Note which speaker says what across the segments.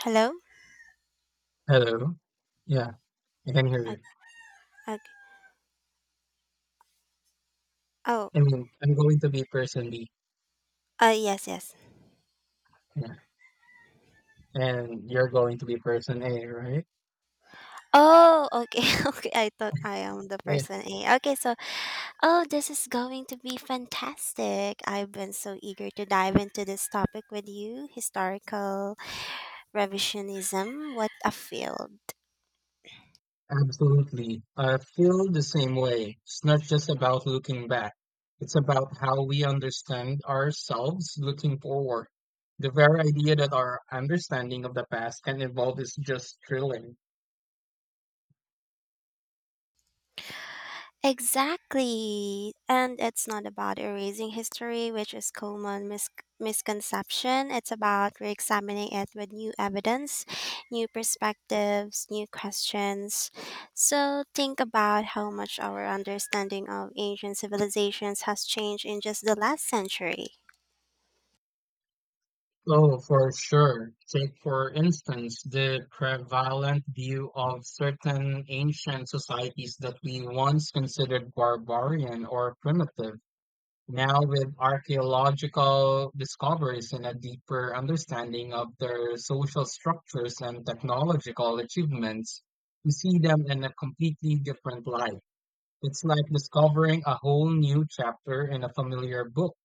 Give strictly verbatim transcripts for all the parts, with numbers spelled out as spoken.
Speaker 1: Hello?
Speaker 2: Hello. Yeah, I can hear
Speaker 1: Uh,
Speaker 2: you.
Speaker 1: okay. Oh,
Speaker 2: I mean, I'm going to be person B.
Speaker 1: uh, yes, yes.
Speaker 2: Yeah. And you're going to be person A, right?
Speaker 1: Oh, okay, okay. I thought I am the
Speaker 2: Yeah,
Speaker 1: person A. Okay, so, oh, this is going to be fantastic. I've been so eager to dive into this topic with you historical revisionism. What a field.
Speaker 2: absolutely. I feel the same way. It's not just about looking back. It's about how we understand ourselves looking forward. The very idea that our understanding of the past can evolve is just thrilling.
Speaker 1: Exactly. And it's not about erasing history, which is common mis- misconception. It's about re-examining it with new evidence, new perspectives, new questions. So think about how much our understanding of ancient civilizations has changed in just the last century.
Speaker 2: Oh, for sure. Take, for instance, the prevalent view of certain ancient societies that we once considered barbarian or primitive. Now, with archaeological discoveries and a deeper understanding of their social structures and technological achievements, we see them in a completely different light. It's like discovering a whole new chapter in a familiar book.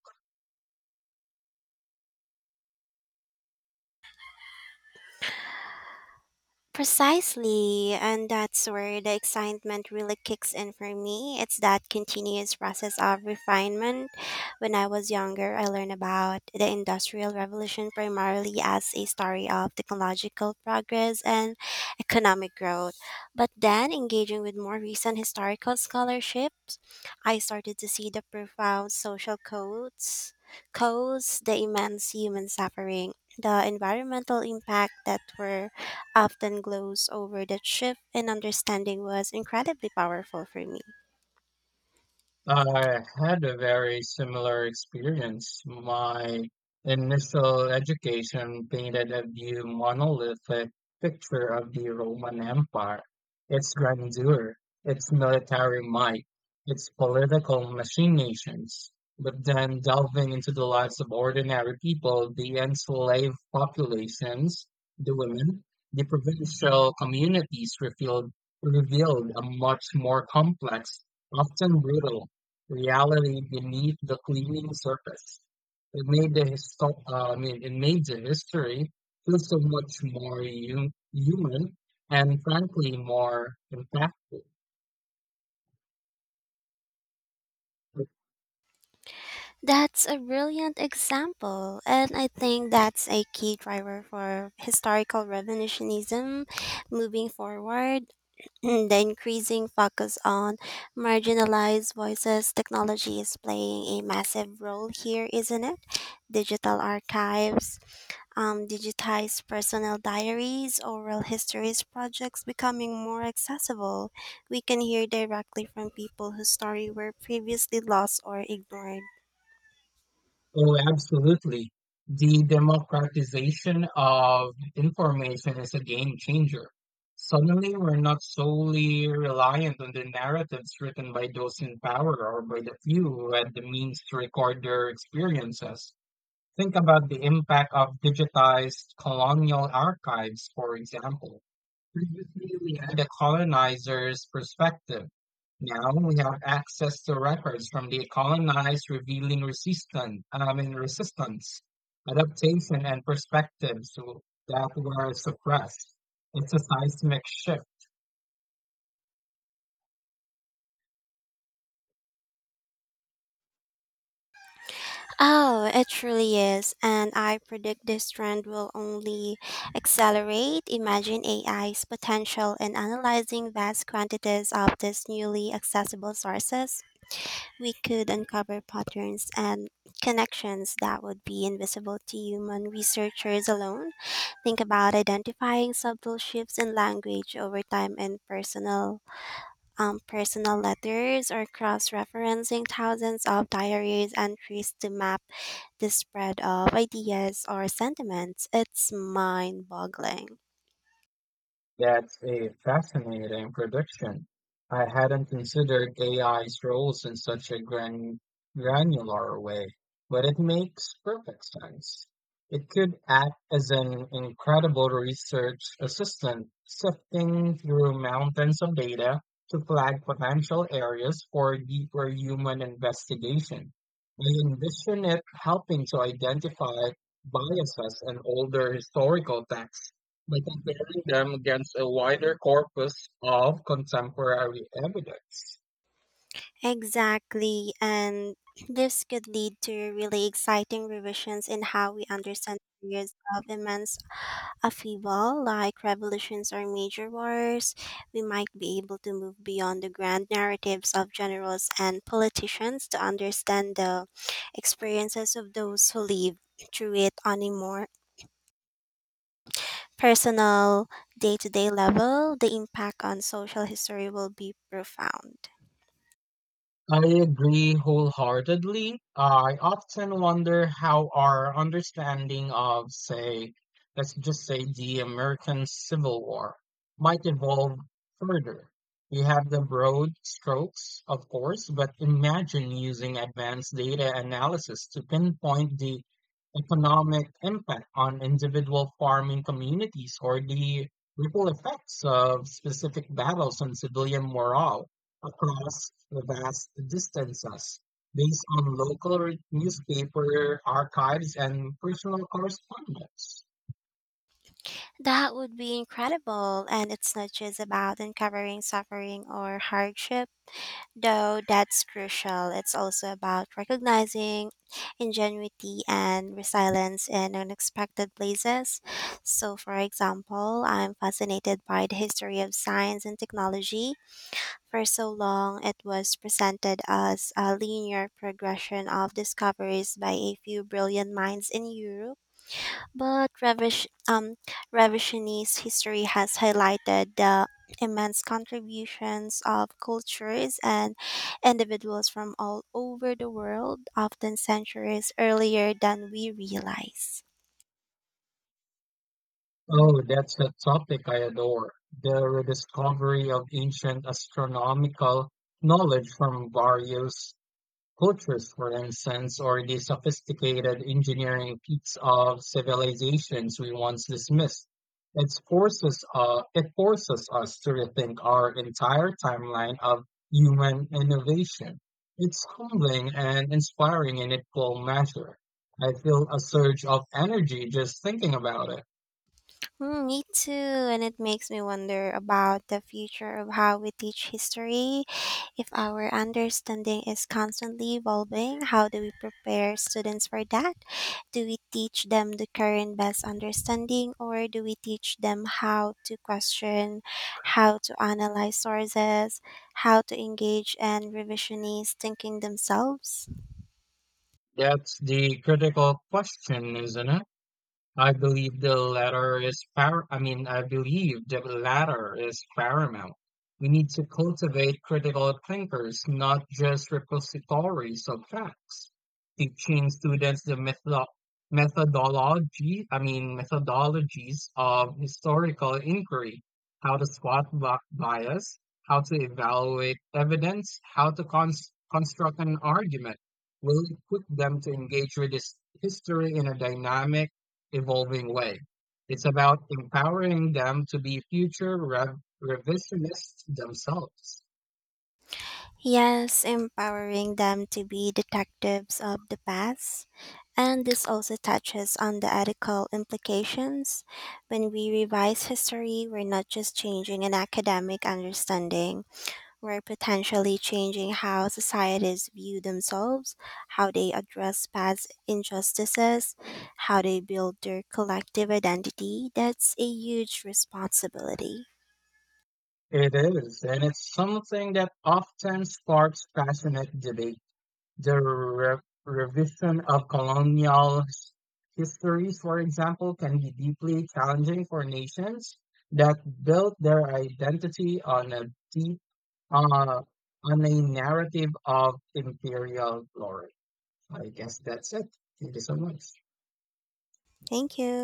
Speaker 1: Precisely, and that's where the excitement really kicks in for me. It's that continuous process of refinement. When I was younger, I learned about the Industrial Revolution primarily as a story of technological progress and economic growth. But then, engaging with more recent historical scholarships, I started to see the profound social codes, codes, the immense human suffering, the environmental impact that were often glows over that shift in understanding was incredibly powerful for me.
Speaker 2: I had a very similar experience. My initial education painted a view monolithic picture of the Roman Empire, its grandeur, its military might, its political machinations. But then delving into the lives of ordinary people, the enslaved populations, the women, the provincial communities revealed, revealed a much more complex, often brutal reality beneath the fleeting surface. It made the histo- uh, I mean, it made the history feel so much more hum- human and frankly more impactful.
Speaker 1: That's a brilliant example, and I think that's a key driver for historical revisionism moving forward. The increasing focus on marginalized voices, technology is playing a massive role here, isn't it? Digital archives, um, digitized personal diaries, oral histories projects becoming more accessible. We can hear directly from people whose story were previously lost or ignored.
Speaker 2: Oh, absolutely. The democratization of information is a game changer. Suddenly, we're not solely reliant on the narratives written by those in power or by the few who had the means to record their experiences. Think about the impact of digitized colonial archives, for example. Previously, we had a colonizer's perspective. Now we have access to records from the colonized revealing resistance, I mean resistance, adaptation, and perspectives that were suppressed. It's a seismic shift.
Speaker 1: Oh, it truly is. And I predict this trend will only accelerate. Imagine A I's potential in analyzing vast quantities of these newly accessible sources we could uncover patterns and connections that would be invisible to human researchers alone. Think about identifying subtle shifts in language over time in personal, um, personal letters, or cross-referencing thousands of diaries entries to map the spread of ideas or sentiments. It's mind-boggling.
Speaker 2: That's a fascinating prediction. I hadn't considered A I's roles in such a gran granular way, but it makes perfect sense. It could act as an incredible research assistant, sifting through mountains of data to flag potential areas for deeper human investigation. I envision it helping to identify biases in older historical texts by comparing them against a wider corpus of contemporary evidence.
Speaker 1: Exactly, and this could lead to really exciting revisions in how we understand periods of immense A upheaval, like revolutions or major wars, we might be able to move beyond the grand narratives of generals and politicians to understand the experiences of those who live through it on a more personal, day to day level. The impact on social history will be profound.
Speaker 2: I agree wholeheartedly. I often wonder how our understanding of, say, let's just say the American Civil War might evolve further. We have the broad strokes, of course, but imagine using advanced data analysis to pinpoint the economic impact on individual farming communities or the ripple effects of specific battles on civilian morale across the vast distances based on local re- newspaper archives and personal correspondence.
Speaker 1: That would be incredible, and it's not just about uncovering suffering or hardship though that's crucial. It's also about recognizing ingenuity and resilience in unexpected places. So, for example, I'm fascinated by the history of science and technology. For so long, it was presented as a linear progression of discoveries by a few brilliant minds in Europe but Revish, um, revisionist history has highlighted the immense contributions of cultures and individuals from all over the world, often centuries earlier than we realize.
Speaker 2: Oh, that's a topic I adore. The rediscovery of ancient astronomical knowledge from various cultures, for instance, or the sophisticated engineering feats of civilizations we once dismissed. It forces, uh, it forces us to rethink our entire timeline of human innovation. It's humbling and inspiring in equal measure. I feel a surge of energy just thinking about it.
Speaker 1: Mm, me too, and it makes me wonder about the future of how we teach history. If our understanding is constantly evolving, how do we prepare students for that? Do we teach them the current best understanding, or do we teach them how to question, how to analyze sources, how to engage and revisionist thinking themselves?
Speaker 2: That's the critical question, isn't it? I believe the latter is par- I mean, I believe the latter is paramount. We need to cultivate critical thinkers, not just repositories of facts. Teaching students the metho- methodology, I mean, methodologies of historical inquiry, how to spot bi- bias, how to evaluate evidence, how to cons- construct an argument, will equip them to engage with this history in a dynamic evolving way. It's about empowering them to be future rev revisionists themselves.
Speaker 1: Yes, empowering them to be detectives of the past. And this also touches on the ethical implications. When we revise history, we're not just changing an academic understanding, we're potentially changing how societies view themselves, how they address past injustices, how they build their collective identity. That's a huge responsibility.
Speaker 2: It is, and it's something that often sparks passionate debate. The re revision of colonial his- histories, for example, can be deeply challenging for nations that built their identity on a deep, uh, on a narrative of imperial glory. I guess that's it. Thank you so much.
Speaker 1: Thank you.